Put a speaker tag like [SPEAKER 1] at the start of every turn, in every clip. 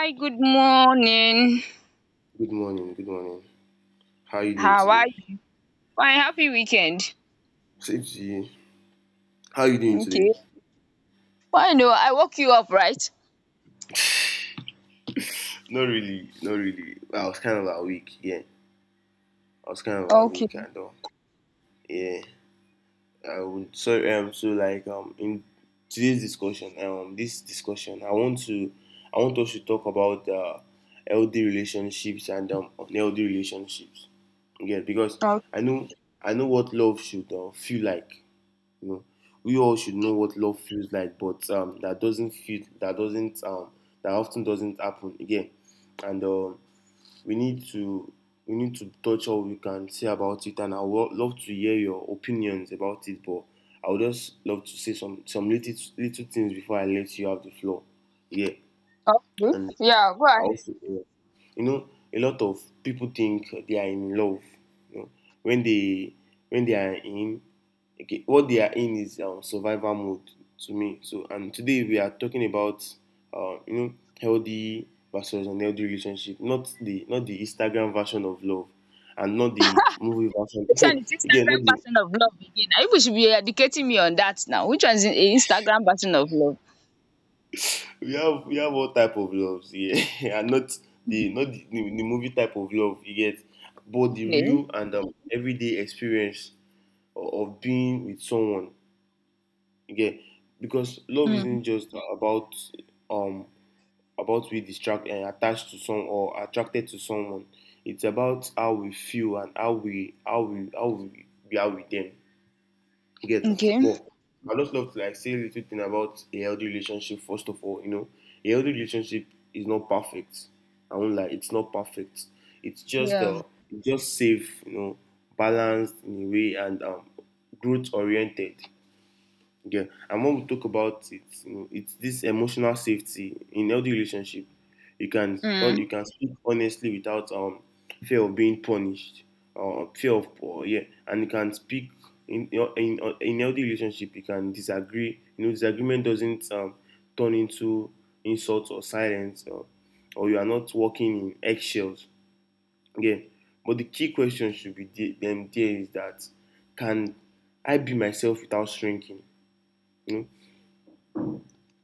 [SPEAKER 1] Hi, good morning.
[SPEAKER 2] Good morning. Good morning. How are you doing
[SPEAKER 1] How
[SPEAKER 2] today?
[SPEAKER 1] are you? Fine, happy weekend.
[SPEAKER 2] Same to you. How are you doing today?
[SPEAKER 1] Okay. Why no? I woke you up, right?
[SPEAKER 2] Not really. Not really. I was kind of awake. Yeah, I was kind of
[SPEAKER 1] Okay.
[SPEAKER 2] awake and all. Yeah. I would. In today's discussion, this discussion, I want us to talk about healthy relationships and unhealthy relationships. Yeah, because
[SPEAKER 1] Okay.
[SPEAKER 2] I know, I know what love should feel like. You know, we all should know what love feels like, but that doesn't feel that doesn't that often doesn't happen again. And we need to we need to touch all we can say about it. And I would love to hear your opinions about it. But I would just love to say some little things before I let you have the floor. Yeah,
[SPEAKER 1] Okay.
[SPEAKER 2] and
[SPEAKER 1] Yeah, go
[SPEAKER 2] I
[SPEAKER 1] ahead.
[SPEAKER 2] also yeah you know a lot of people think they are in love, you know, when they when they are in. Okay, what they are in is survival mode to me. So, and today we are talking about you know, healthy versus unhealthy relationship, not the Instagram version of love, and not the movie
[SPEAKER 1] Which one
[SPEAKER 2] version
[SPEAKER 1] is
[SPEAKER 2] again, not
[SPEAKER 1] Instagram
[SPEAKER 2] the
[SPEAKER 1] version of love again? I wish you should be educating me on that now. Which one is the Instagram version of love?
[SPEAKER 2] we have all type of loves, yeah. And not the movie type of love you get, but the
[SPEAKER 1] Okay.
[SPEAKER 2] real and everyday experience or of being with someone again, because love
[SPEAKER 1] Mm.
[SPEAKER 2] isn't just um about we distract and attached to some or attracted to someone. It's about how we feel and we are with them again.
[SPEAKER 1] Okay.
[SPEAKER 2] But I just love to like say a little thing about a healthy relationship first of all. You know, a healthy relationship is not perfect. I won't lie, it's not perfect. It's
[SPEAKER 1] Yeah.
[SPEAKER 2] just safe, you know, balanced in a way, and growth oriented. Yeah, and when we talk about it, you know, it's this emotional safety in healthy relationship.
[SPEAKER 1] Mm.
[SPEAKER 2] You can speak honestly without fear of being punished, or fear of or yeah, and you can speak in healthy relationship. You can disagree. You know, disagreement doesn't turn into insult or silence, or you are not walking in eggshells. Yeah, but the key question should be the- them there is that can I be myself without shrinking? You know,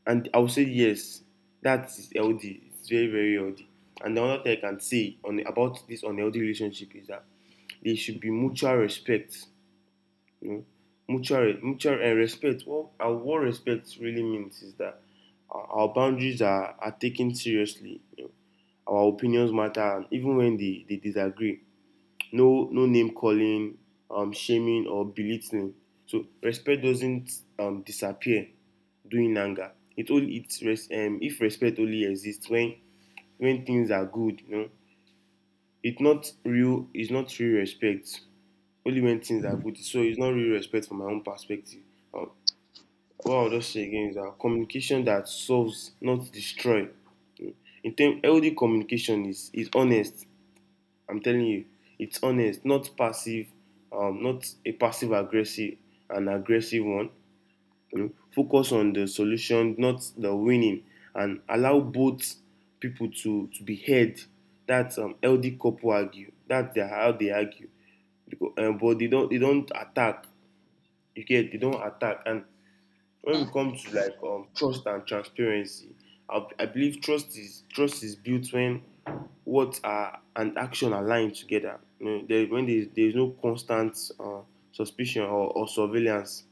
[SPEAKER 2] and I will say yes, that is healthy. It's very healthy. And the other thing I can say on about this unhealthy relationship is that there should be mutual respect. You know, mutual and respect. What respect really means is that our boundaries are taken seriously. You know, our opinions matter, and even when they disagree, no name calling, shaming or belittling. So respect doesn't disappear during anger. It only it res- um, if respect only exists when things are good, you know, it's not real respect only when things are good, so it's not real respect from my own perspective. um, what I'll just say again is that communication that solves, not destroy. In term, healthy communication is honest. I'm telling you, it's honest, not passive, not a passive aggressive, an aggressive one. You know, focus on the solution, not the winning, and allow both people to be heard. That's healthy couple argue. How they argue, because but they don't attack. You get, they don't attack. And when
[SPEAKER 1] Mm.
[SPEAKER 2] we come to like trust and transparency, I believe trust is built when what are and action align together. You know, there is no constant suspicion or surveillance.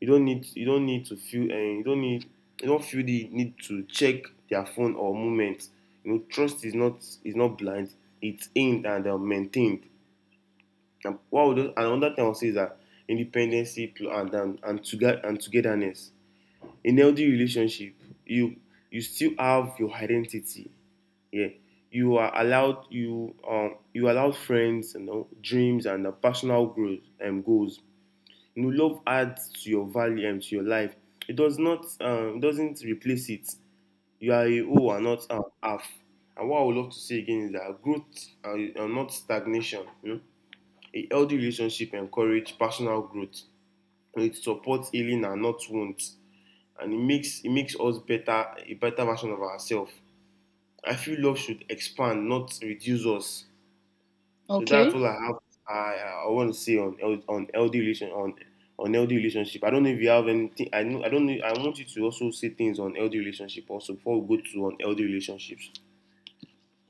[SPEAKER 2] You don't need you don't feel the need to check their phone or movement. You know, trust is not blind. It's aimed and maintained. And another thing I'll say is that independency and togetherness in healthy relationship, you you still have your identity. Yeah, you are allowed, you allowed friends, you know, dreams and personal growth and goals. You know, love adds to your value and to your life. It does not doesn't replace it. You are a whole and not half. And what I would love to say again is that growth and not stagnation, you know, a healthy relationship encourage personal growth. It supports healing and not wounds. And it makes us better, a better version of ourselves. I feel love should expand, not reduce us. So that's
[SPEAKER 1] Okay.
[SPEAKER 2] all I have. I want to say on LD relation on LD relationship. I don't know if you have anything. I know, I don't know. I want you to also say things on LD relationship also before we go to on LD relationships.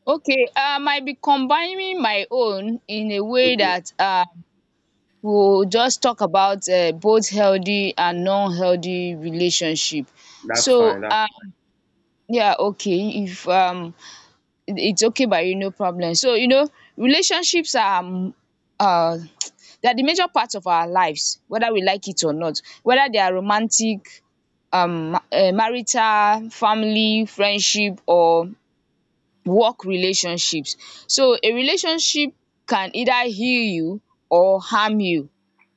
[SPEAKER 1] Okay. I might be combining my own in a way
[SPEAKER 2] Okay,
[SPEAKER 1] that we'll just talk about both healthy and non-healthy relationship.
[SPEAKER 2] that's
[SPEAKER 1] So
[SPEAKER 2] fine. That's
[SPEAKER 1] um yeah, okay, if it- it's okay by you, no problem. So you know, relationships are they are the major part of our lives, whether we like it or not, whether they are romantic, marital, family, friendship or work relationships. So a relationship can either heal you or harm you,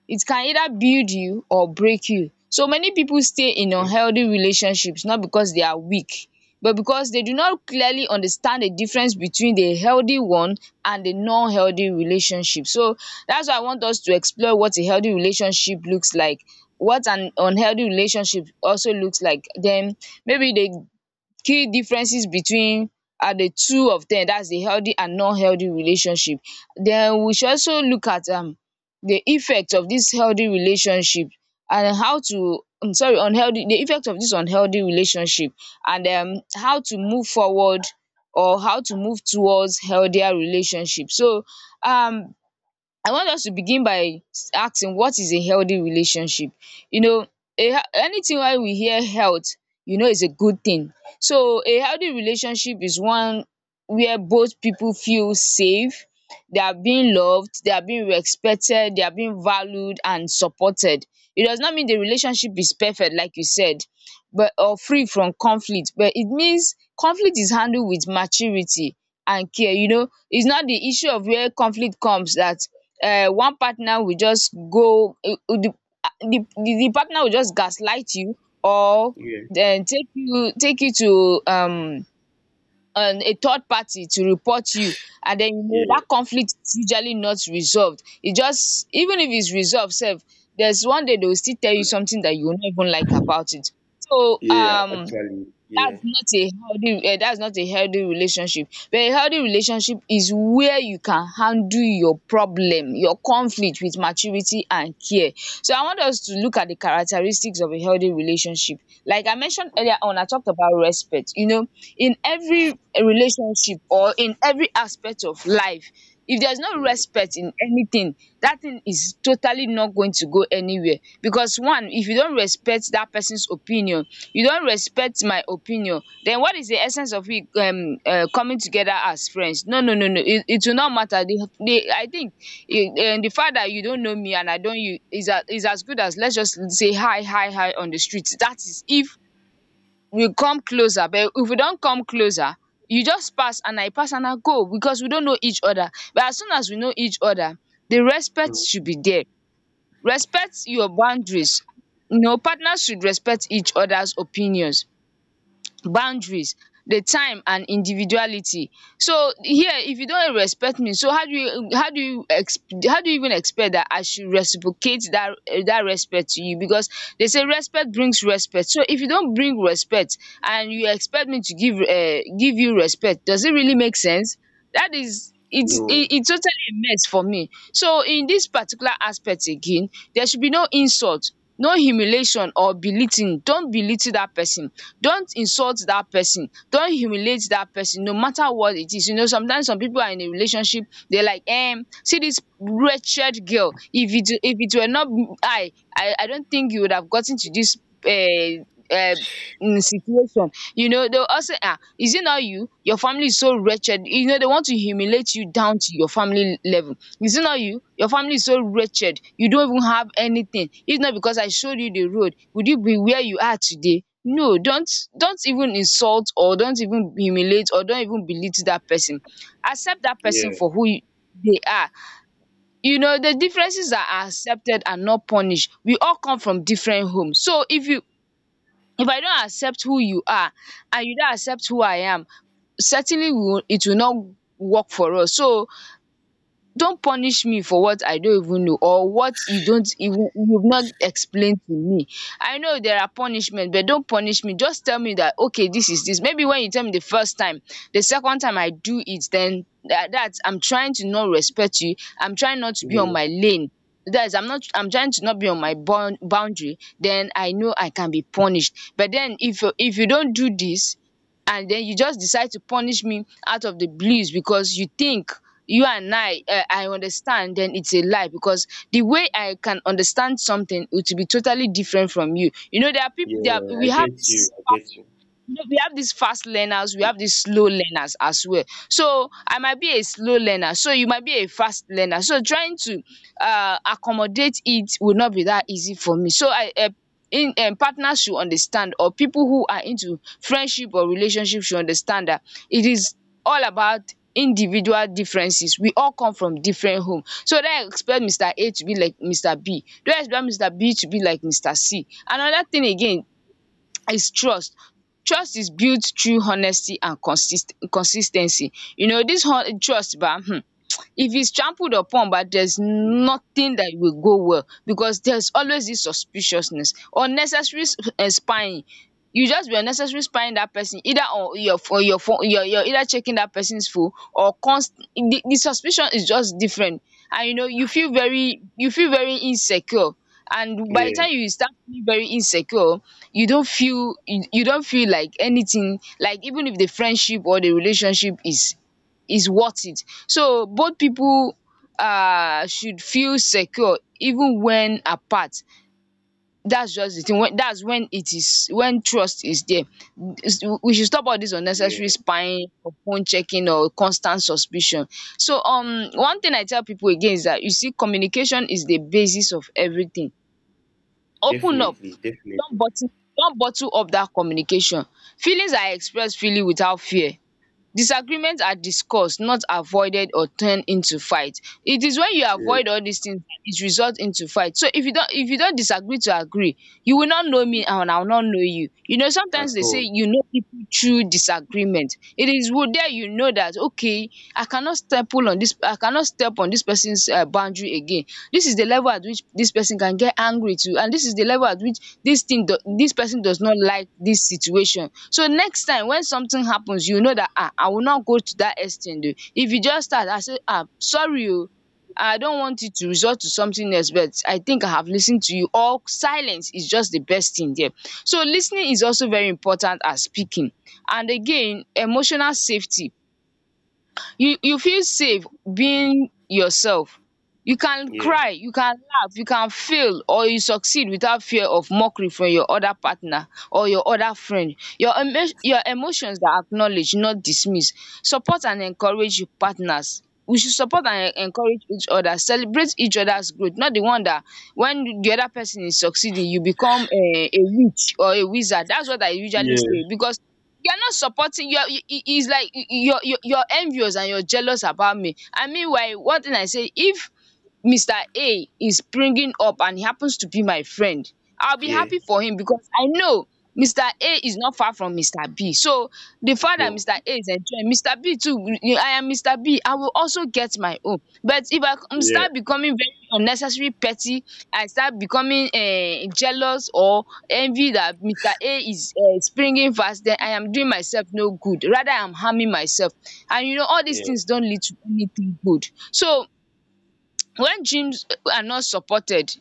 [SPEAKER 1] it can either build you or break you. So many people stay
[SPEAKER 2] fine,
[SPEAKER 1] in
[SPEAKER 2] okay.
[SPEAKER 1] unhealthy relationships not because they are weak, but because they do not clearly understand the difference between the healthy one and the non-healthy relationship. So that's why I want us to explore what a healthy relationship looks like, what an unhealthy relationship also looks like, then maybe the key differences between the two of them, that's the healthy and non-healthy relationship. Then we should also look at the effect of this healthy relationship, and how to, I am sorry, unhealthy, the effect of this unhealthy relationship, and how to move forward or how to move towards healthier relationship. So um I want us to begin by asking, what is a healthy relationship? You know, a hea- anything when we hear health, you know, is a good thing. So a healthy relationship is one where both people feel safe, they are being loved, they are being respected, they are being valued and supported. It does not mean the relationship is perfect like you said, but or free from conflict, but it means conflict is handled with maturity and care. You know, it's not the issue of where conflict comes that one partner will just go the the partner will just gaslight you, or
[SPEAKER 2] Yeah,
[SPEAKER 1] then take you, take you to a third party to report you, and then you know
[SPEAKER 2] yeah,
[SPEAKER 1] that conflict is usually not resolved. It just, even if it's resolved sef, there's one day they will still tell you something that you will not even like about it. So
[SPEAKER 2] yeah. Actually, yeah.
[SPEAKER 1] that's not a healthy, that's not a healthy relationship, but a healthy relationship is where you can handle your problem, your conflict with maturity and care. So I want us to look at the characteristics of a healthy relationship. Like I mentioned earlier on, I talked about respect. You know, in every relationship or in every aspect of life, if there's no
[SPEAKER 2] Mm,
[SPEAKER 1] respect in anything, that thing is totally not going to go anywhere. Because one, if you don't respect that person's opinion, you don't respect my opinion, then what is the essence of we, coming together as friends? No, no, no, no, it will not matter. The I think it, the fact that you don't know me and I don't you is, a, is as good as let's just say hi, hi, hi on the street. That is, if we come closer, but if we don't come closer, you just pass and I pass and I go, because we don't know each other. But as soon as we know each other, the respect
[SPEAKER 2] mm.
[SPEAKER 1] should be there. Respect your boundaries. You know, partners should respect each other's opinions, boundaries, the time and individuality. So here, if you don't respect me, so how do you, how do you even expect that I should reciprocate that, that respect to you? Because they say respect brings respect, so if you don't bring respect and you expect me to give, give you respect, does it really make sense? That is, it's it,
[SPEAKER 2] No,
[SPEAKER 1] it totally a mess for me. So in this particular aspect again, there should be no insult, no humiliation or belittling. Don't belittle that person, don't insult that person, don't humiliate that person, no matter what it is. You know, sometimes some people are in a relationship, they are like, see this wretched girl, if it, if it were not, I don't think you would have gotten to dis, um um situation. You know, they will also, ah, is it not you, your family is so wretched? You know, they want to humiliate you down to your family level. Is it not you, your family is so wretched, you don't even have anything? If not because I showed you the road, would you be where you are today? No, don't, don't even insult, or don't even humiliate, or don't even belittle that person. Accept that person
[SPEAKER 2] yeah,
[SPEAKER 1] for who you- they are. You know, the differences that are accepted and not punished. We all come from different homes, so if you, if I don't accept who you are, and you don't accept who I am, certainly we will, it will not work for us. So don't punish me for what I don't even know, or what you don't even, you've not explained to me. I know there are punishment, but don't punish me, just tell me that, okay, this is this. Maybe when you tell me the first time, the second time I do it, then that, that I'm trying to not respect you, I'm trying not to be on
[SPEAKER 2] yeah,
[SPEAKER 1] my lane. That is, I'm not, I'm trying to not be on my bound boundary, then I know I can be punished. But then if you, if you don't do this, and then you just decide to punish me out of the blues, because you think you and I understand, then it's a lie. Because the way I can understand something, it will be totally different from you. You know, there are people, there are,
[SPEAKER 2] yeah.
[SPEAKER 1] we have this,
[SPEAKER 2] I get you.
[SPEAKER 1] you know, we have these fast learners, we have these slow learners as well. So I might be a slow learner, so you might be a fast learner. So trying to accommodate, it will not be that easy for me. So I in partners should understand, or people who are into friendship or relationship should understand that it is all about individual differences. We all come from different home. So don't expect Mr. A to be like Mr. B. Don't expect Mr. B to be like Mr. C. Another thing again, is trust. Trust is built through honesty and consis consis ten cy. You know, dis trust ba, if it's trampled upon, but there's nothing that will go well, because there's always this suspiciousness, unnecessary, spying. You just be unnecessary spying that person, either on your, on your phone, you're either checking that person's phone, or const, the suspicion is just different. And you know, you feel very, you feel very insecure. And by the
[SPEAKER 2] Yeah,
[SPEAKER 1] time you start feeling very insecure, you don't feel, you don't feel like anything, like even if the friendship or the relationship is worth it. So both people should feel secure even when apart. That's just the thing, when that's when it is, when trust is there. It's- we should stop all this unnecessary
[SPEAKER 2] yeah.
[SPEAKER 1] spying, or phone checking or constant suspicion. So one thing I tell people again is that, you see, communication is the basis of everything. Open up,
[SPEAKER 2] Definitely, definitely.
[SPEAKER 1] don't bottle up that communication. Feelings are expressed freely without fear. Disagreements are discussed, not avoided or turned into fight. It is when you
[SPEAKER 2] Yeah,
[SPEAKER 1] avoid all these things that it results into fight. So if you don't, if you don't disagree to agree, you will not know me and I will not know you. You know, sometimes
[SPEAKER 2] at
[SPEAKER 1] they say,
[SPEAKER 2] all.
[SPEAKER 1] you know people through disagreement. It is wo there, you know that, okay, I cannot step on this person's boundary again. This is the level at which this person can get angry to, and this is the level at which this thing do, this person does not like this situation. So next time when something happens, you know that, ah, I will not go to that extent. Oh, if you just start, I say, ah, sorry, oh, I don't want it to resort to something else, but I think I have listened to you. Or silence is just the best thing there. So listening is also very important as speaking. And again, emotional safety, you feel safe being yourself. You can
[SPEAKER 2] Yeah,
[SPEAKER 1] cry, you can laugh, you can fail or you succeed without fear of mockery from your other partner or your other friend. Your emo your emotions are acknowledged, not dismissed. Support and encourage your partners. We should support and encourage each other, celebrate each other's growth, not the one that when the other person is succeeding you become a witch or a wizard. That's what I usually
[SPEAKER 2] yeah,
[SPEAKER 1] say, because you're not supporting. You're it's like you're envious and you're jealous about me. And meanwhile, one thing I say: if Mr. A is bringing up and he happens to be my friend, I'll be
[SPEAKER 2] yeah,
[SPEAKER 1] happy for him, because I know Mr. A is not far from Mr. B. So the
[SPEAKER 2] at
[SPEAKER 1] fact that
[SPEAKER 2] all.
[SPEAKER 1] Mr. A is enjoying, Mr. B too, I am Mr. B, I will also get my own. But if I
[SPEAKER 2] Yeah,
[SPEAKER 1] start becoming very unnecessary petty, I start becoming jealous or envy that Mr. A is springing fast, then I am doing myself no good. Rather, I'm harming myself. And you know, all these
[SPEAKER 2] yeah,
[SPEAKER 1] things don't lead to anything good. So when gyms are not supported,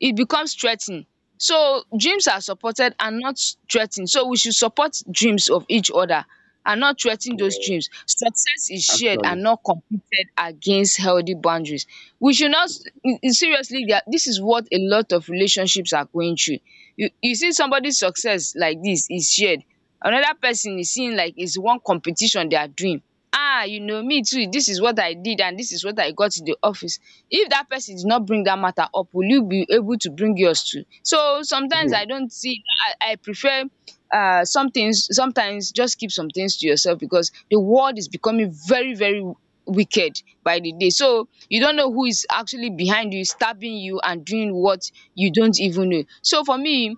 [SPEAKER 1] it becomes threatening. So dreams are supported and not threa so we should support dreams of each other and not threa those
[SPEAKER 2] yeah,
[SPEAKER 1] dreams. Success is shared and
[SPEAKER 2] actually.
[SPEAKER 1] not competed against. Healthy boundaries, we should not seriously, there, this is what a lot of relationships are going through. You see somebody's success like this is shared, another person is seeing like it's one competition they are doing. Ah, you know, me too, this is what I did and this is what I got in the office. If that person did not bring that matter up, will you be able to bring yours too? So sometimes I don't see, I prefer some things, sometimes just keep some things to yourself, because the world is becoming very, very wicked by the day. So you don't know who is actually behind you, stabbing you and doing what you don't even know. So for me,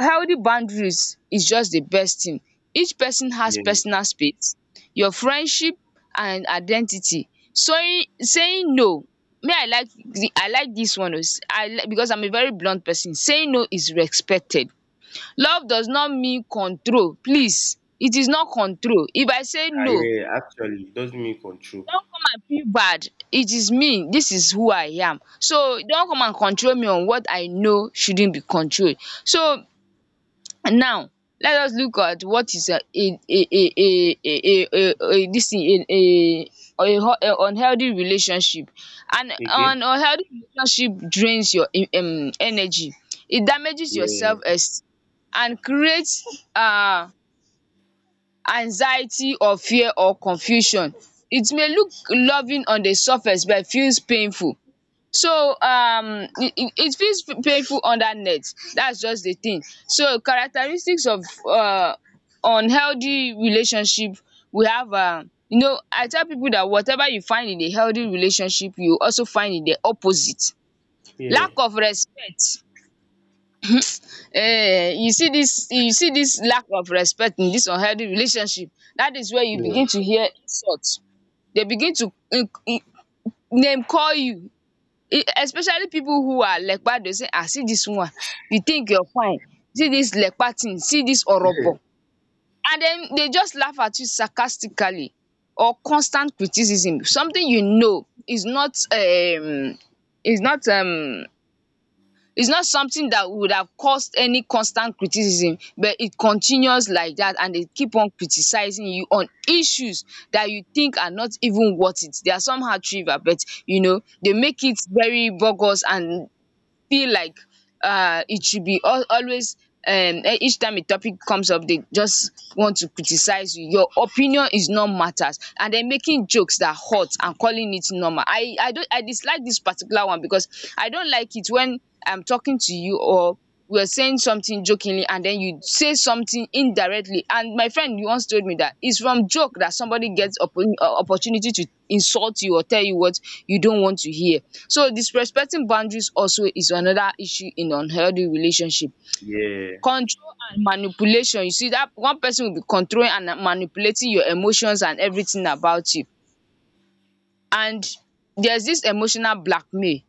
[SPEAKER 1] healthy boundaries is just the best thing. Each person has
[SPEAKER 2] Yeah,
[SPEAKER 1] personal space, your friendship and identity. So saying no, me, I like dis one, because I'm a very blunt person. Saying no is respected. Love does not mean control. Please, it is not control. If I say
[SPEAKER 2] ah,
[SPEAKER 1] no,
[SPEAKER 2] yeah, actually, it doesn't mean control.
[SPEAKER 1] don't come and feel bad. It is me. Dis is who I am. So don't come and control me on what I know shouldn't be controlled. So now let us look at what is a this thing a unhealthy relationship. An
[SPEAKER 2] Okay?
[SPEAKER 1] unhealthy relationship drains your energy. It damages your
[SPEAKER 2] Yeah,
[SPEAKER 1] self-esteem and creates anxiety or fear or confusion. It may look loving on the surface but feels painful. So it it fit painful under net, dats just the thing. So characteristics of um unhealthy relationship, we have am, you know, I tell pipu dat whatever you find in a healthy relationship you also find in the opposite.
[SPEAKER 2] yeah,
[SPEAKER 1] Lack of respect. You see dis, you see dis lack of respect in dis unhealthy relationship. Dat is where you begin to
[SPEAKER 2] yeah,
[SPEAKER 1] hear insult, dey begin to name call you. Especially people who are lekpa, dey say, ah, see this one, you think you're fine, see this lekpa thing, see this orobo, and then they just laugh at you sarcastically. Or constant criticism, something you know is not is not is not something that would have caused any constant criticism, but it continues like that and they keep on criticizing you on issues that you think are not even worth it. They are somehow trivial, but you know they make it very bogus and feel like it should be always, each time a topic comes up, they just want to criticize you. Your opinion is not matters. And then making jokes that hurt and calling it normal. I don't I dislike this particular one, because I don't like it when I'm talking to you, or we're saying something jokingly, and then you say something indirectly. And my friend, you once told me that it's from joke that somebody gets opportunity to insult you or tell you what you don't want to hear. So disrespecting boundaries also is another issue in unhealthy relationship.
[SPEAKER 2] yeah,
[SPEAKER 1] Control and manipulation. You see that one person will be controlling and manipulating your emotions and everything about you. And there's this emotional blackmail.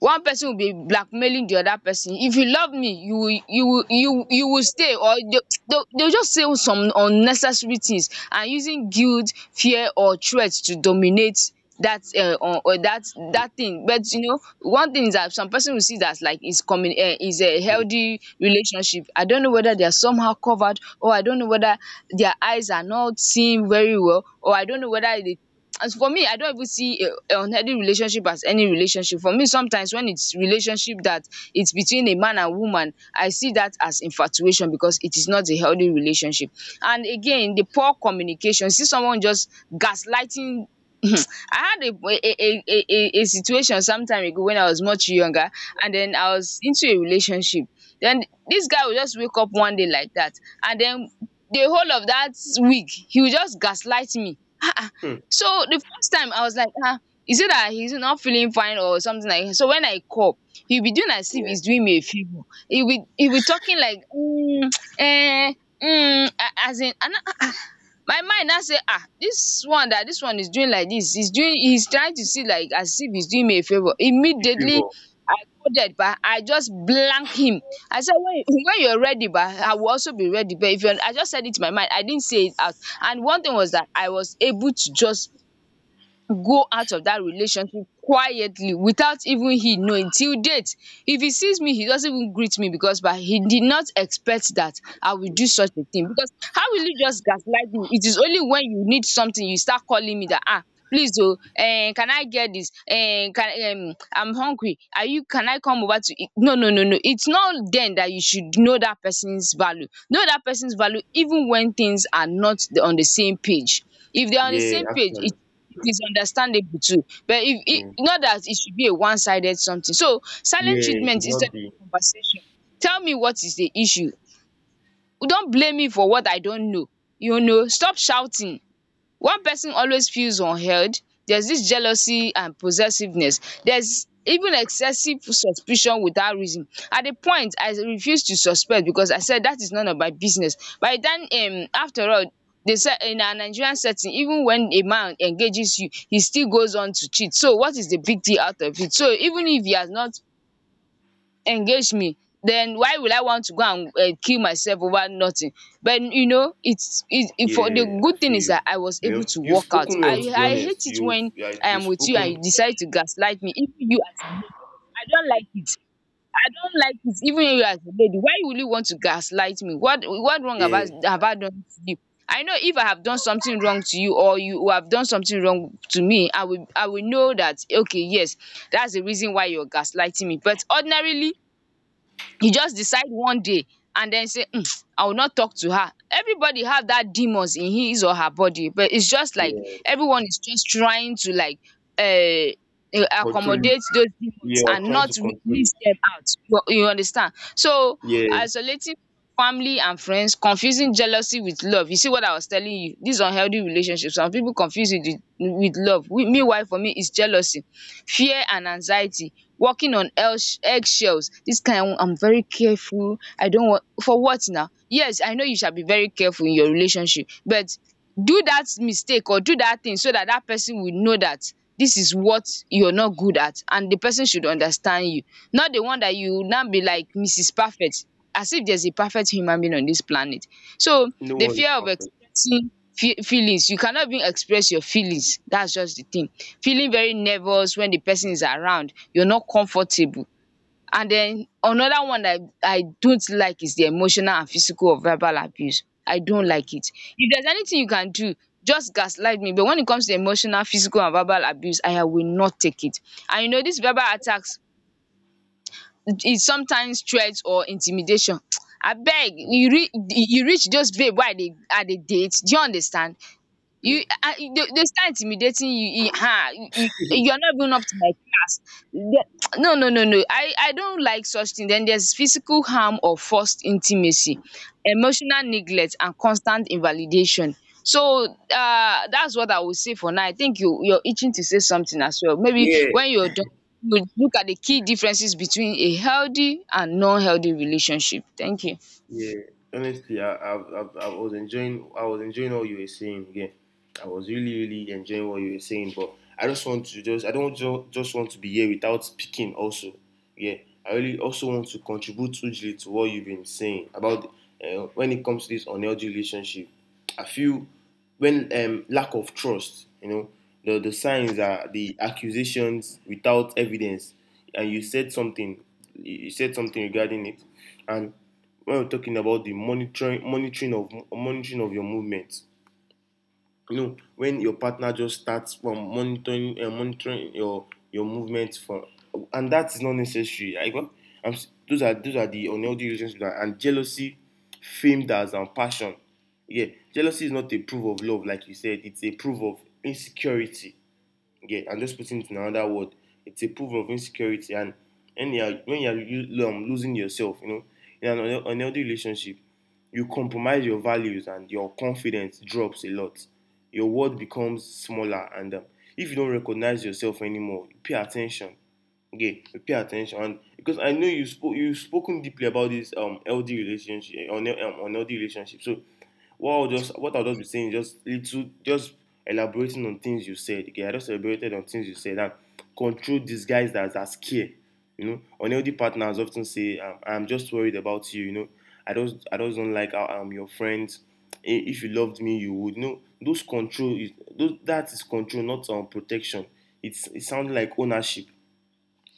[SPEAKER 1] One person will be blackmailing the other person. If you love me, you will stay, or they'll just say some unnecessary things, and using guilt, fear or threats to dominate that or that that thing. But you know, one thing is that some person will see that like is coming, is a
[SPEAKER 2] yeah,
[SPEAKER 1] healthy relationship. I don't know whether they are somehow covered, or I don't know whether their eyes are not seeing very well, or I don't know whether they, as for me, I don't even see a unhealthy relationship as any relationship. For me, sometimes when it's relationship that it's between a man and woman, I see that as infatuation, because it is not a healthy relationship. And again, the poor communication, see someone just gaslighting. I had a situation some time ago when I was much younger, and then I was into a relationship. Then this guy would just wake up one day like that, and then the whole of that week he would just gaslight me.
[SPEAKER 2] hmm,
[SPEAKER 1] So the first time I was like, ah, is it that he's not feeling fine or something like that? So when I call, he'll be doing as if
[SPEAKER 2] yeah.
[SPEAKER 1] he's doing me a favor. He'll be talking like, mm, eh, mm, as in, and ah, my mind now say, ah, this one, that this one is doing like this, he's trying to see like as if he's doing me a favor.
[SPEAKER 2] The
[SPEAKER 1] Immediately,
[SPEAKER 2] favor.
[SPEAKER 1] I coded, but I just blank him. I said, when when you're ready, but I will also be ready. But if you're, I just said it in my mind. I didn't say it out. And one thing was that I was able to just go out of that relationship quietly without even he knowing till date. If he sees me, he doesn't even greet me, because but he did not expect that I will do such a thing. Because how will you just gaslight me? It is only when you need something you start calling me that, ah, please, oh, can I get this, can, I'm hungry, are you, can I come over to eat? No, no, no, no, it's not then that you should know that person's value. Know that person's value even when things are not on the same page. If they are on the
[SPEAKER 2] Yeah,
[SPEAKER 1] same page,
[SPEAKER 2] actually.
[SPEAKER 1] it is understandable too. But if it
[SPEAKER 2] Yeah,
[SPEAKER 1] not, that it should be a one-sided something. So silent
[SPEAKER 2] yeah, it should
[SPEAKER 1] treatment instead
[SPEAKER 2] not be.
[SPEAKER 1] of conversation. Tell me what is the issue. Don't blame me for what I don't know. You know, stop shouting. One person always feels unheard. There's this jealousy and possessiveness. There's even excessive suspicion without reason. At a point, I refused to suspect, because I said that is none of my business. By then, after all, they said in our Nigerian setting, even when a man engages you, he still goes on to cheat. So what is the big deal out of it? So even if he has not engage me, then why will I want to go and kill myself over nothing? But you know, it's it it for the
[SPEAKER 2] Yeah, I
[SPEAKER 1] good thing
[SPEAKER 2] feel
[SPEAKER 1] is
[SPEAKER 2] you.
[SPEAKER 1] that I was
[SPEAKER 2] You
[SPEAKER 1] able
[SPEAKER 2] know,
[SPEAKER 1] to
[SPEAKER 2] you've
[SPEAKER 1] walk out.
[SPEAKER 2] spoken
[SPEAKER 1] I
[SPEAKER 2] well, to be
[SPEAKER 1] I hate
[SPEAKER 2] honest.
[SPEAKER 1] it
[SPEAKER 2] You've,
[SPEAKER 1] when
[SPEAKER 2] like,
[SPEAKER 1] I
[SPEAKER 2] you've
[SPEAKER 1] am with you and
[SPEAKER 2] spoken,
[SPEAKER 1] you decide to gaslight me. Even you as a lady, I don't like it. I don't like it. Even you as a lady, why will you want to gaslight me? What wrong
[SPEAKER 2] yeah,
[SPEAKER 1] about have I done to you? I know if I have done something wrong to you or you have done something wrong to me, I will know that, okay, yes, that's the reason why you're gaslighting me. But ordinarily, you just decide one day and then say, I will not talk to her. Everybody have that demons in his or her body, but it's just like
[SPEAKER 2] yeah,
[SPEAKER 1] everyone is just trying to like um
[SPEAKER 2] control it.
[SPEAKER 1] accommodate those demons
[SPEAKER 2] Yeah, I'm
[SPEAKER 1] and
[SPEAKER 2] trying
[SPEAKER 1] not
[SPEAKER 2] to control it.
[SPEAKER 1] release them out, you understand. So
[SPEAKER 2] Yeah,
[SPEAKER 1] isolating from family and friends, confusing jealousy with love. You see what I was telling you. These unhealthy relationships, some people confuse it with love. Meanwhile, for me it's jealousy, fear and anxiety, walking on eggshells. This kind I'm very careful. I don't want, for what now? Yes, I know you shall be very careful in your relationship, but do that mistake or do that thing so that that person will know that this is what you're not good at, and the person should understand you. Not the one that you now be like Mrs. Perfect, as if there's a perfect human being on this planet. So
[SPEAKER 2] no
[SPEAKER 1] the
[SPEAKER 2] one is
[SPEAKER 1] fear of
[SPEAKER 2] perfect.
[SPEAKER 1] experiencing feelings. You cannot even express your feelings. That's just the thing. Feeling very nervous when the person is around, you're not comfortable. And then another one that I don't like is the emotional and physical or verbal abuse. I don't
[SPEAKER 2] Mm,
[SPEAKER 1] like it. If there's anything you can do, just gaslight me, but when it comes to emotional, physical and verbal abuse, I will not take it. And you know dis verbal attacks is sometimes threats or intimidation. Abeg,
[SPEAKER 2] mm.
[SPEAKER 1] you reach those babe why they are I dey date, do you understand?
[SPEAKER 2] Yeah.
[SPEAKER 1] You, they start intimidating you, you are not even up to my class. The- No, no, no, no, I don't like such thing. Then there's physical harm or forced intimacy, emotional neglect and constant invalidation. So that's what I will say for now. I think you're itching to say something as well. Maybe when
[SPEAKER 2] Yeah,
[SPEAKER 1] you're done, you would look at the key differences between a healthy and non-healthy relationship. Thank you.
[SPEAKER 2] Yeah, honestly, I was enjoying. I was enjoying all you were saying. Yeah, I was really, really enjoying what you were saying. But I just want to just. I don't just want to be here without speaking. Also, yeah, I really also want to contribute hugely to what you've been saying about when it comes to this unhealthy relationship. I feel when lack of trust. You know, the signs are the accusations without evidence. And you said something. You said something regarding it. And when we're talking about the monitoring of your movement, you know, when your partner just starts from monitoring your movement from, and that is not necessary. I go I'm Those are those are the unhealthy reasons. And jealousy famed as and passion. Yeah, jealousy is not a proof of love, like you said. It's a proof of insecurity. Yeah, and just putting it in another word, it's a proof of insecurity. And you are, when you are you, losing yourself, you know, in an unhealthy relationship, you compromise your values and your confidence drops a lot. Your world becomes smaller, and if you don't recognize yourself anymore, pay attention. Okay, pay attention. And because I know you've spoken deeply about this LD relationship on LD relationship. So what I'll just be saying is just little, just elaborating on things you said. Okay, I just elaborated on things you said. And control these guys that are scared. You know, unhealthy partners often say, "I'm just worried about you." You know, I just don't like how I'm your friend. I- If you loved me, you would. You know, those that is control, not protection. It's it sounds like ownership.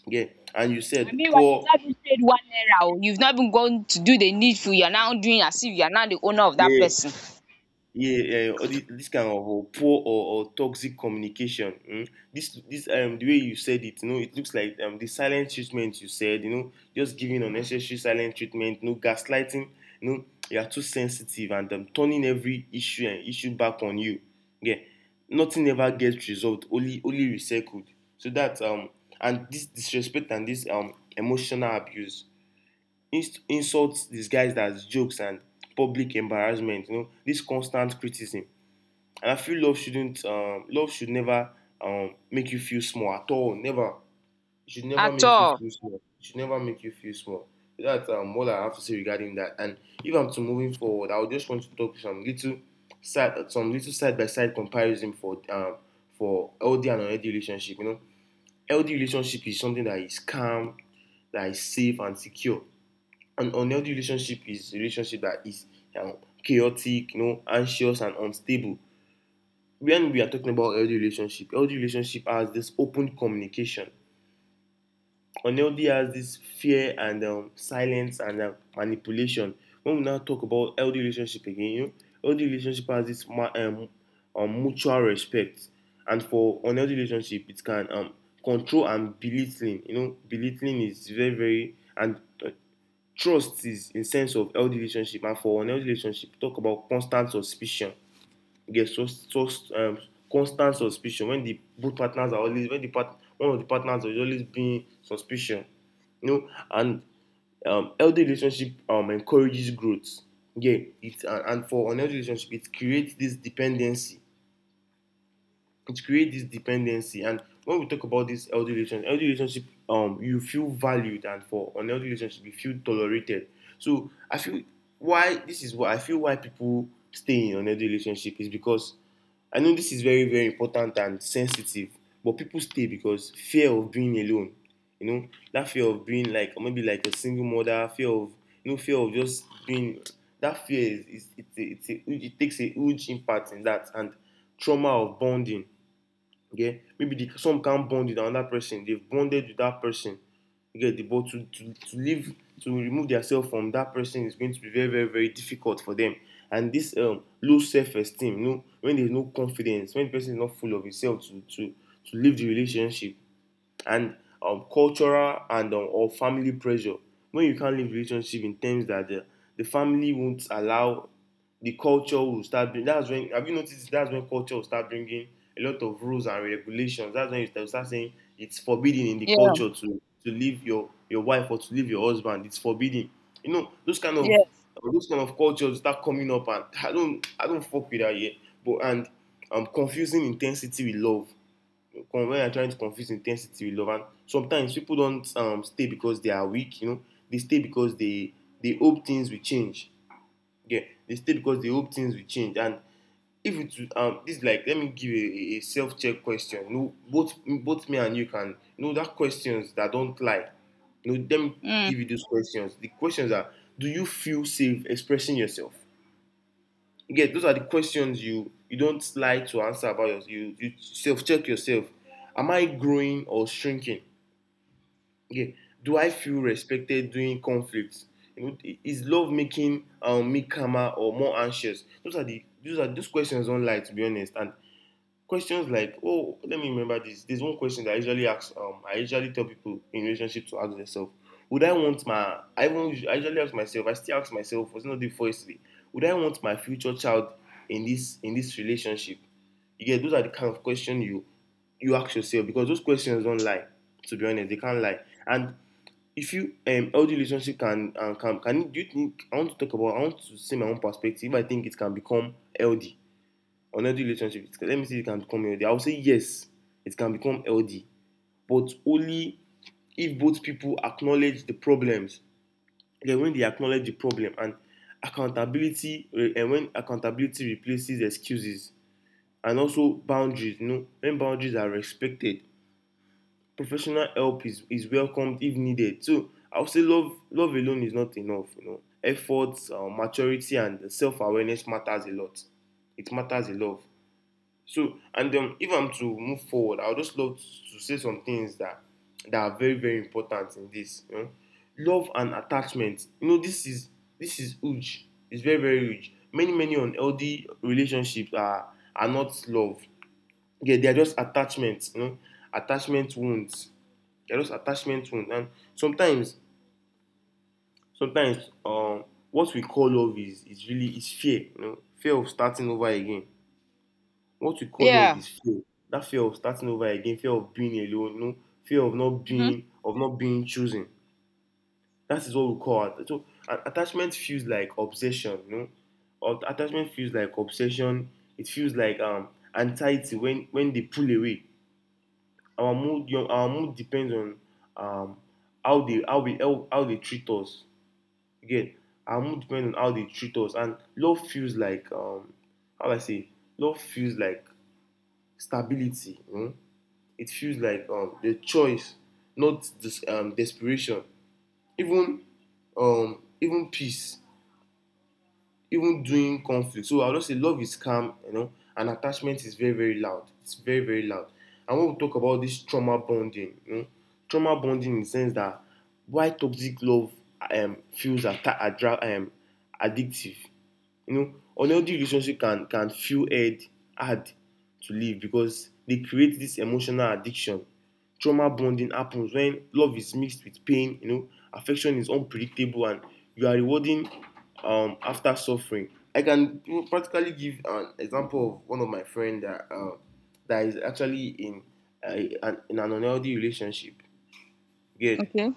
[SPEAKER 2] Yeah, and you
[SPEAKER 1] And
[SPEAKER 2] said
[SPEAKER 1] meanwhile, you've
[SPEAKER 2] poor,
[SPEAKER 1] not even paid 1 naira, you've not even gone to do the needful, you're now doing as if you're now the owner of that
[SPEAKER 2] yeah,
[SPEAKER 1] person.
[SPEAKER 2] yeah, yeah, all this kind of poor or toxic communication. Mm? This, the way you said it, you know, it looks like the silent treatment you said, you know, just giving unnecessary silent treatment, you know, gaslighting, you know, you are too sensitive, and turning every issue back on you. Yeah, nothing ever gets resolved, only recycled. So that and this disrespect and this emotional abuse. Insults disguised as jokes and public embarrassment. You know, this constant criticism. And I feel love shouldn't, love should never make you feel small at all. Never. It should never
[SPEAKER 1] At
[SPEAKER 2] make you
[SPEAKER 1] all.
[SPEAKER 2] feel small. It should never make you feel small. That's all I have to say regarding that. And if I'm to moving forward, I would just want to talk some little side by side comparison for LD and unhealthy relationship. You know, LD relationship is something that is calm, that is safe and secure. An unhealthy relationship is a relationship that is um, chaotic, you know, anxious and unstable. When we are talking about healthy relationship has this open communication. Unhealthy has this fear and silence and manipulation. When we now talk about healthy relationship again, you know, healthy relationship has this mutual respect. And for unhealthy relationship, it can control and belittling. You know, belittling is very, very, and uh, trust is a sense of healthy relationship. And for unhealthy relationship, talk about constant suspicion. You get trust, sus constant suspicion when the both partners are always when the part one of the partners is always being suspicion, you know. And healthy relationship encourages growth. Yeah. It and and for unhealthy relationship, it creates this dependency. It creates this dependency. And when we talk about this healthy relationship, you feel valued, and for an unhealthy relationship, you feel tolerated. So i feel why this is what I feel. Why people stay in an unhealthy relationship is because — I know this is very, very important and sensitive, but people stay because fear of being alone. You know, that fear of being, like, maybe like a single mother, fear of, you know, fear of just being. That fear is it's a, it's it takes a huge impact in that. And trauma of bonding. Okay, maybe some can't bond with another person. They've bonded with that person. You get the, but to remove themselves from that person is going to be very, very, very difficult for them. And this low self-esteem, you know, when there's no confidence, when the person is not full of himself to to leave the relationship, and cultural and or family pressure. When you can't live relationship in terms that the family won't allow, the culture will start bring — that's when, have you noticed, that's when culture will start bringing a lot of rules and regulations. That's when you start saying it's forbidden in the
[SPEAKER 1] Yeah.
[SPEAKER 2] culture to leave your wife or to leave your husband. It's forbidden. You know,
[SPEAKER 1] Yeah.
[SPEAKER 2] those kind of cultures start coming up. And I don't fuck with that yet. But, and confusing intensity with love. When you're trying to confuse intensity with love, and sometimes people don't stay because they are weak, you know. They stay because they hope things will change. Yeah. They stay because they hope things will change. And if it this is like, let me give a self-check question, you know. Both me and you can, you know, that questions that don't lie. You know, let me
[SPEAKER 1] Mm.
[SPEAKER 2] give you those questions. The questions are: do you feel safe expressing yourself? You Those are the questions you don't like to answer about yourself. You self check yourself. Am I growing or shrinking? Yeah. Do I feel respected during conflicts? You know, is love making me calmer or more anxious? Those are the those are Those questions don't lie, to be honest. And questions like, oh, let me remember this. There's one question that I usually ask. I usually tell people in relationship to ask themselves, would I want my? I usually ask myself. I still ask myself. Was not the first day. Would I want my future child in this, in this relationship? You get, those are the kind of question you ask yourself because those questions don't lie. To be honest, they can't lie. And if you healthy relationship can, and can can do you think — I want to say my own perspective. I think it can become healthy. Unhealthy relationship, let me see if it can become healthy. I would say yes, it can become healthy, but only if both people acknowledge the problems. Then when they acknowledge the problem, and accountability, and when accountability replaces excuses. And also boundaries, you know, when boundaries are respected, professional help is welcomed if needed. So I would say love, alone is not enough, you know. Efforts, maturity, and self-awareness matters a lot. It matters a lot. So, and if I'm to move forward, I would just love to say some things that are very, very important in this. You know? Love and attachment. You know, this is huge. It's very, very huge. Many unhealthy relationships are not love. Yeah, they are just attachments. You know, attachment wounds. They are just attachment wounds. And sometimes sometimes what we call love is really is fear. You know, fear of starting over again. What we call love
[SPEAKER 1] Yeah.
[SPEAKER 2] is fear. That fear of starting over again, fear of being alone, no, fear of not
[SPEAKER 1] Mm-hmm.
[SPEAKER 2] being, chosen. That is what we call it. So attachment feels like obsession, no. Or attachment feels like obsession. It feels like anxiety when they pull away. Our mood depends on um how they, how we how they treat us. Again, our mood depends on how they treat us, and love feels like how do I say? Love feels like stability. You know? It feels like the choice, not this desperation. Even even peace, even doing conflict. So I'll just say love is calm, you know, and attachment is very, very loud. It's very, very loud. And when we talk about this trauma bonding, you know, trauma bonding in the sense that why toxic love feels addictive. You know, unhealthy relationship can feel hard, hard to live because they create this emotional addiction. Trauma bonding happens when love is mixed with pain. You know, affection is unpredictable, and you are rewarding after suffering. I can, you know, practically give an example of one of my friend that is actually in uh, in an unhealthy relationship. Get.
[SPEAKER 1] Okay.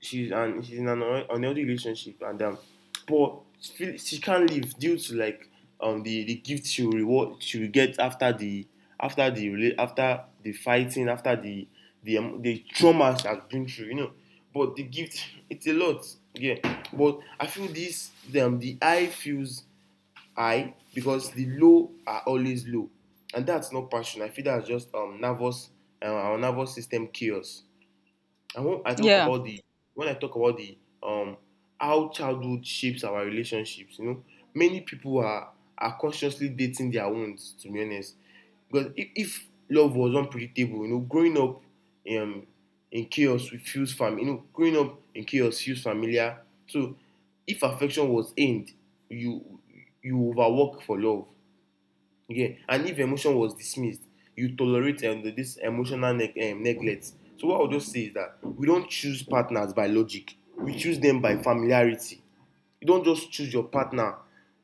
[SPEAKER 2] She's in an unhealthy relationship. And but she can't leave due to, like, the gift she will get after the fighting, after the the trauma she has been through, you know. But the gift, it's a lot. Yeah. But I feel this, the high feels high because the low are always low. And that's not passion. I feel that's just nervous our nervous system chaos. And
[SPEAKER 1] Yeah.
[SPEAKER 2] when I talk about the how childhood shapes our relationships, you know, many people are, consciously dating their wounds, to be honest. Because if, love was unpredictable, you know, growing up um in chaos you know, growing up in chaos feels familiar. So if affection was aimed, you overwork for love. Yeah. And if emotion was dismissed, you tolerate this emotional neglect. So what I'll just say is that we don't choose partners by logic, we choose them by familiarity. You don't just choose your partner.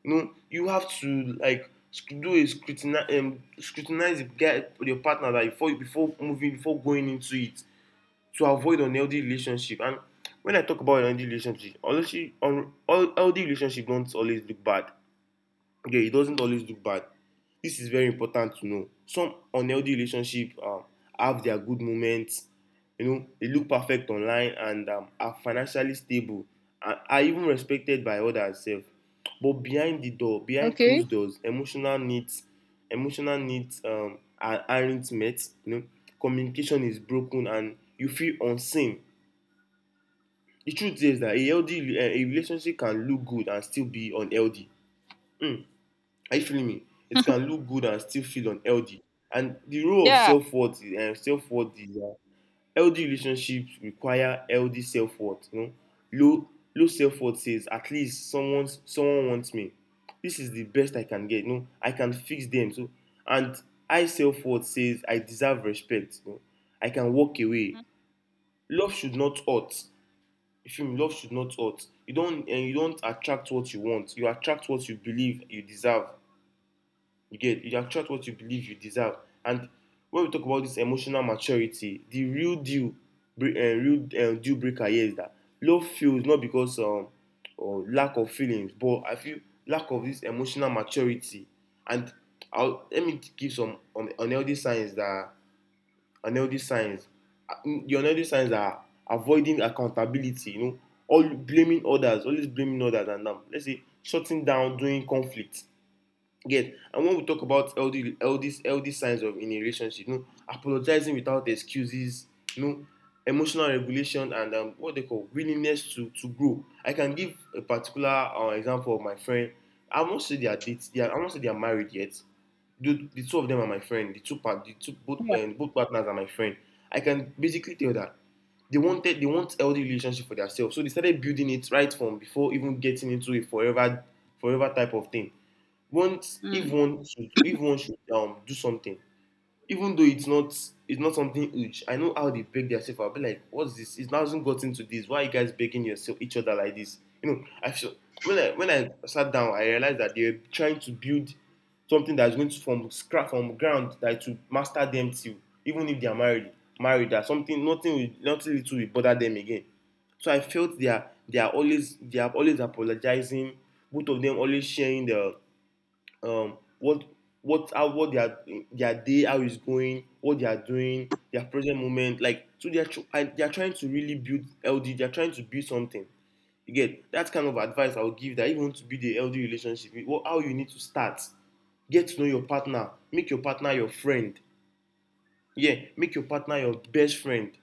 [SPEAKER 2] You know, you have to, like, sc- do a scrutinize scrutinize the guy, your partner, that before, moving, before going into it, to avoid unhealthy relationship. And when I talk about unhealthy relationship, honestly, un healthy relationship don't always look bad. Okay, it doesn't always look bad. This is very important to know. Some unhealthy relationship have their good moments. You know, they look perfect online and are financially stable and are even respected by others. Self. But behind the door, behind
[SPEAKER 1] Okay.
[SPEAKER 2] closed doors, emotional needs, aren't met. You know, communication is broken and you feel unseen. The truth is that a relationship can look good and still be unhealthy. Hmm. Are you feeling me? It can look good and still feel unhealthy. And the role of
[SPEAKER 1] Yeah.
[SPEAKER 2] self worth, and self worth is that healthy relationships require healthy self worth. You know, low low self worth says at least someone wants me. This is the best I can get. You know, I can fix them. So, and high self worth says I deserve respect. You know, I can walk away.
[SPEAKER 1] Mm-hmm.
[SPEAKER 2] Love should not hurt. If you Love should not hurt. You don't, and you don't attract what you want. You attract what you believe you deserve. You get, you attract what you believe you deserve. And when we talk about this emotional maturity, the real deal breaker here is that love feels not because or lack of feelings, but I feel lack of this emotional maturity. And let me give some unhealthy signs unhealthy signs. . The unhealthy signs are avoiding accountability. You know, always blaming others, and let's say shutting down during conflict. Get. And when we talk about LD, LD, LD signs of in a relationship, no, apologizing without excuses, no, emotional regulation, and what they call willingness to grow. I can give a particular example of my friend. I won't say they are dates. They are, I won't say they are married yet. The two of them are my friend. The two
[SPEAKER 1] Yeah.
[SPEAKER 2] both partners are my friend. I can basically tell that they want healthy relationship for themselves. So they started building it right from before even getting into a forever forever type of thing. Once if one should do something, even though it's not something huge. I know how they break themselves. I'll be like, what's this? It hasn't gotten to this, why are you guys breaking yourself each other like this? You know, I feel, when I sat down I realized that they're trying to build something that's going to from scrap from ground that to master them till, even if they are married married, that something, nothing will, nothing little will bother them again. So I felt they are always apologizing, both of them, always sharing the um, what what they are, their day, how it's going, what they are doing, their present moment, like. So they are trying to really build healthy, they are trying to build something. You get? That kind of advice I would give, that if you want to build a healthy relationship, how you need to start. Get to know your partner, make your partner your friend. Yeah, make your partner your best friend.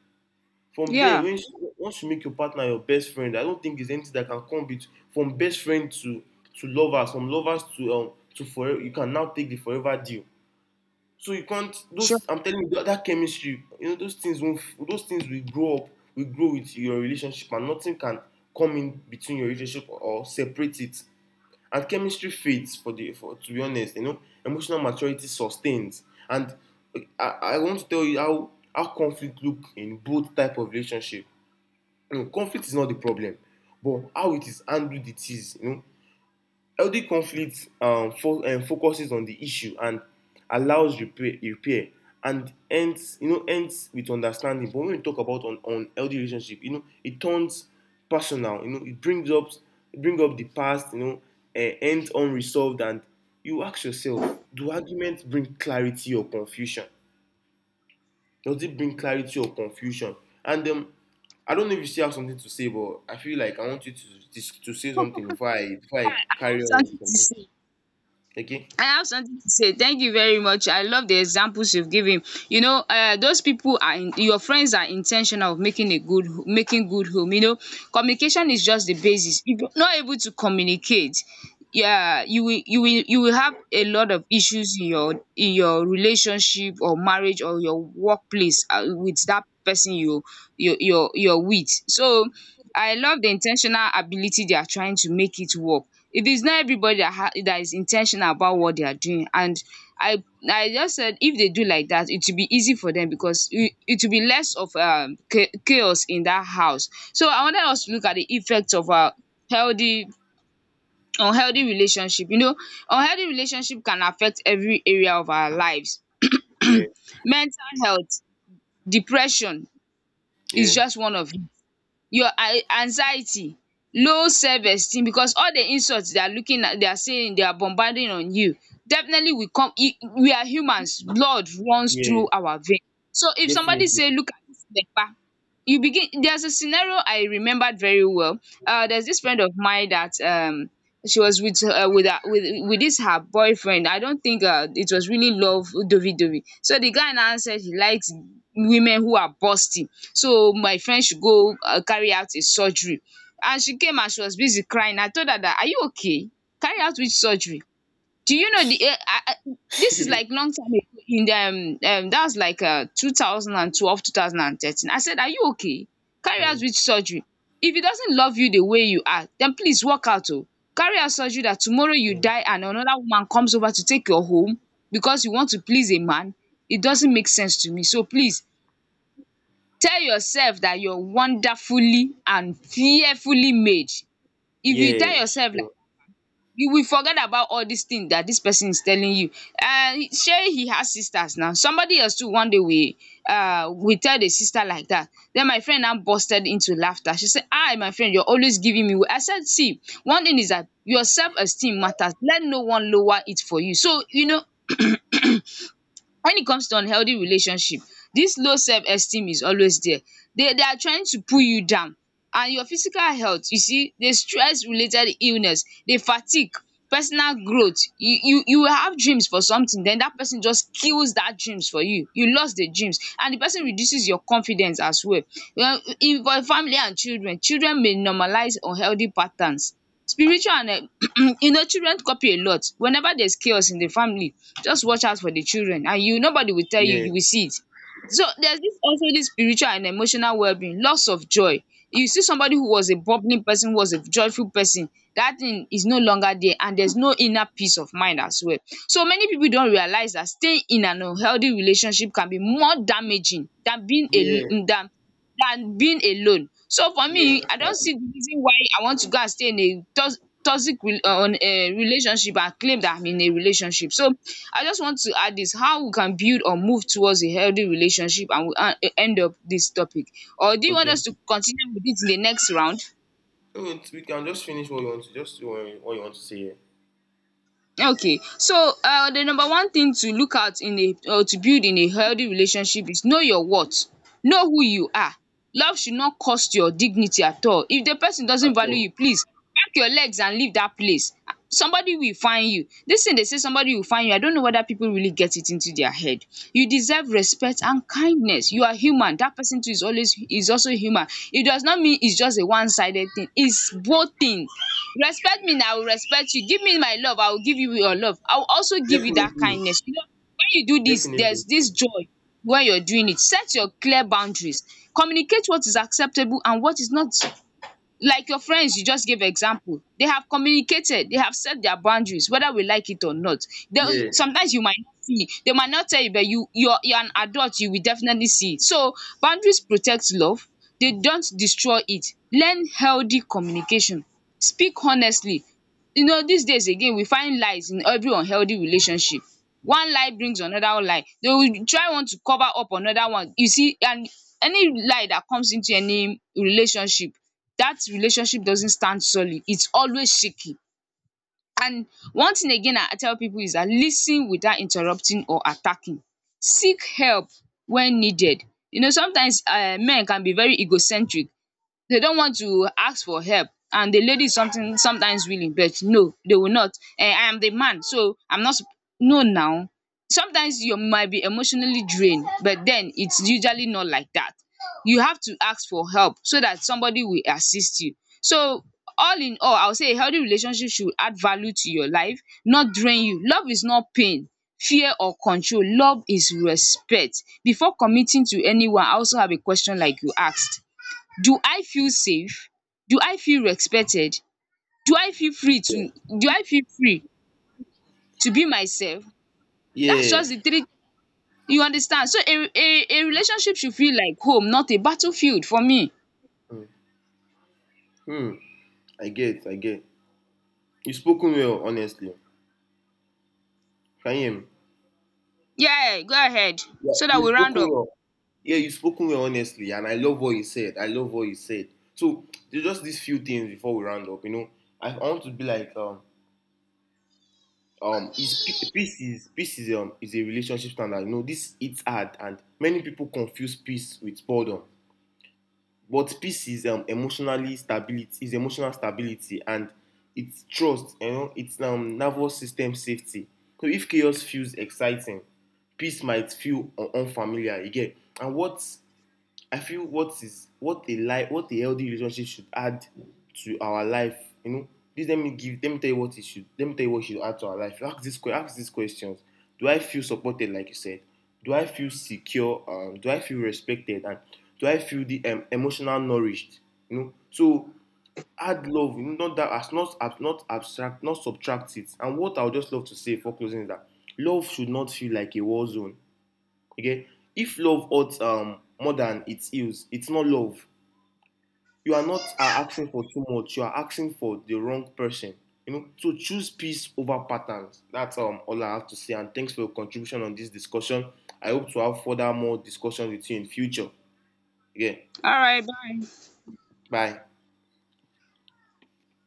[SPEAKER 2] From there,
[SPEAKER 1] Yeah.
[SPEAKER 2] once you make your partner your best friend, I don't think there's anything that can come bet— from best friend to lovers, from lovers to forever. You can now take the forever deal. So you can't,
[SPEAKER 1] Sure.
[SPEAKER 2] those, I'm telling you that, that chemistry, you know, those things won't, those things will grow up, will grow with your relationship, and nothing can come in between your relationship or separate it. And chemistry fades, for, to be honest, you know, emotional maturity sustains. And I want to tell you how conflict look in both type of relationship. You know, conflict is not the problem, but how it is handled it is, you know. Healthy conflict focuses on the issue and allows repair and ends, you know, ends with understanding. But when we talk about on unhealthy relationship, you know, it turns personal. You know, bring up the past. You know, ends unresolved, and you ask yourself, do arguments bring clarity or confusion? Does it bring clarity or confusion? And I don't know if you still have something to say, but I feel like I want you to to say something before I
[SPEAKER 1] I have
[SPEAKER 2] carry on with
[SPEAKER 1] something to
[SPEAKER 2] something.
[SPEAKER 1] say.
[SPEAKER 2] Okay.
[SPEAKER 1] I have something to say. Thank you very much. I love the examples you've given. You know, those people are your friends are intentional of making a making good home. You know, communication is just the basis. If you're not able to communicate, yeah, you will have a lot of issues in your relationship or marriage or your workplace, with that person you're with. So I love the intentional ability they are trying to make it work. It is not everybody that is intentional about what they are doing, and I I just said if they do like that it will be easy for them, because it will be less of chaos in that house. So I wanted us to look at the effects of a healthy unhealthy relationship. You know, unhealthy relationship can affect every area of our lives.
[SPEAKER 2] Yeah.
[SPEAKER 1] Mental health, depression is
[SPEAKER 2] Yeah.
[SPEAKER 1] just one of your, an anxiety, low self esteem, because all the insults they are looking at, they are saying, they are bombarding on you, definitely will come. E we are humans, blood runs
[SPEAKER 2] Yeah.
[SPEAKER 1] through our vein. So if somebody say
[SPEAKER 2] Definitely.
[SPEAKER 1] look at this leper, you begin. There's a scenario I remembered very well. There's this friend of mine that she was with this her boyfriend. I don't think it was really love dovi dovi. So the guy now said he likes women who are busty, so my friend should go, carry out a surgery. And she came, and she was busy crying. I told her that, are you okay? Carry out which surgery? Do you know the, this is like long time ago in the, that was like 2012, 2013. I said, are you okay? Carry out
[SPEAKER 2] Okay.
[SPEAKER 1] which surgery? If he doesn't love you the way you are, then please walk out. Oh, carry out surgery that tomorrow you die and another woman comes over to take your home, because you want to please a man? It doesn't make sense to me, so please, tell yourself that you're wonderfully and fearfully made. If you tell
[SPEAKER 2] Yeah.
[SPEAKER 1] yourself like,
[SPEAKER 2] Sure.
[SPEAKER 1] you will forget about all these things that this person is telling you. Say he has sisters now, somebody else too one day we tell the sister like that. Then my friend now busted into laughter. She said, say, 'Ah, my friend, you're always giving me.' I said, see, one thing is that your self esteem matters. Let no one lower it for you. So you know. When it comes to unhealthy relationship, this low self esteem is always there. They are trying to pull you down. And your physical health, you see the stress related illness, the fatigue, personal growth. You will have dreams for something, then that person just kills that dreams for you. You lost the dreams, and the person reduces your confidence as well. Well, in for family and children, children may normalize unhealthy patterns. Spiritual and you know, children copy a lot. Whenever there's chaos in the family, just watch out for the children, and you, nobody will tell you,
[SPEAKER 2] Yeah.
[SPEAKER 1] you will see it. So there's this also this spiritual and emotional well-being, loss of joy. You see somebody who was a bubbling person, who was a joyful person, that thing is no longer there, and there's no inner peace of mind as well. So many people don't realize that staying in an unhealthy relationship can be more damaging than being a
[SPEAKER 2] Yeah.
[SPEAKER 1] than being alone. So for
[SPEAKER 2] Yeah.
[SPEAKER 1] me, I don
[SPEAKER 2] Actually.
[SPEAKER 1] see the reason why I want to go and stay in a toxic relationship and claim that I'm in a relationship. So I just want to add this, how we can build or move towards a healthy relationship, and we, end up this topic? Or do you want
[SPEAKER 2] Okay.
[SPEAKER 1] us to continue with it in the next round?
[SPEAKER 2] Okay, we can just finish what you want to just what you want to say here.
[SPEAKER 1] Okay, so the number one thing to look out in a or to build in a healthy relationship is know your worth, know who you are. Love should not cost your dignity at all. If the person
[SPEAKER 2] At
[SPEAKER 1] doesn't value
[SPEAKER 2] all.
[SPEAKER 1] you, please pack your legs and leave dat place. Somebody will find you. Dis thing dey say somebody will find you, I don't know whether pipu really get it into their head. You deserve respect and kindness. You are human, dat person too is always is also human. It does not mean it's just a one sided thing, it's both thing. Respect me and I will respect you. Give me my love, I will give you your love. I will also give you that
[SPEAKER 2] Definitely.
[SPEAKER 1] kindness. You know, when you do this,
[SPEAKER 2] Definitely.
[SPEAKER 1] there's this joy when you're doing it. Set your clear boundaries. Communicate what is acceptable and what is not, like your friends you just gave example, they have communicated, they have set their boundaries, whether we like it or not.
[SPEAKER 2] Yeah.
[SPEAKER 1] Sometimes you might not see, they might not tell you, but you're an adult, you will definitely see it. So boundaries protect love, they don't destroy it. Learn healthy communication, speak honestly. You know, these days again we find lies in every unhealthy relationship. One lie brings another lie. They will try want to cover up another one. You see, and any lie that comes into any relationship, that relationship doesn't stand solid. It's always shaky. And one thing again I tell people is dat lis without interrupting or attacking. Seek help when needed. You know, sometimes men can be very egocentric, they don't want to ask for help, and the lady is something sometimes willing, but no, they will not. I am the man, so I'm not sup no. Now sometimes you might be emotionally drained, but then it's usually not like that. You have to ask for help, so that somebody will assist you. So all in all, I will say a healthy relationship should add value to your life, not drain you. Love is not pain, fear or control. Love is respect. Before committing to anyone, I also have a question like you asked. Do I feel safe? Do I feel respected? Do I feel free to, do I feel free to be myself? That's
[SPEAKER 2] Yeah.
[SPEAKER 1] just the three, you understand? So a relationship should feel like home, not a battlefield for me.
[SPEAKER 2] Mm. Hmm. I get. I get. You spoken well, honestly. Can you hear me?
[SPEAKER 1] Yeah, go ahead.
[SPEAKER 2] Yeah.
[SPEAKER 1] So that
[SPEAKER 2] You've
[SPEAKER 1] we round
[SPEAKER 2] spoken
[SPEAKER 1] up.
[SPEAKER 2] well. Yeah, you spoken well, honestly, and I love what you said. I love what you said. So there's just these few things before we round up. You know, I want to be like peace is a relationship standard, you know this. It's hard, and many people confuse peace with boredom, but peace is, emotionally stability, is emotional stability, and it's trust, you know, it's nervous system safety. So if chaos feels exciting, peace might feel un unfamiliar again. And what, I feel what is, what a life, what a healthy relationship should add to our life. You know, please let me give, let me tell you what it should, let me tell you what should add to our life. Ask ask these questions. Do I feel supported, like you said? Do I feel secure? Do I feel respected? And do I feel the emotional nourished? You know, so add love. You know, not that, as not not abstract, not subtract it. And what I would just love to say for closing is that love should not feel like a war zone. Okay? If love hurts more than it heals, it's not love. You are not asking for too much. You are asking for the wrong person. You know, so choose peace over patterns. That's all I have to say. And thanks for your contribution on this discussion. I hope to have further more discussion with you in future. Again,
[SPEAKER 1] All right, bye.
[SPEAKER 2] bye.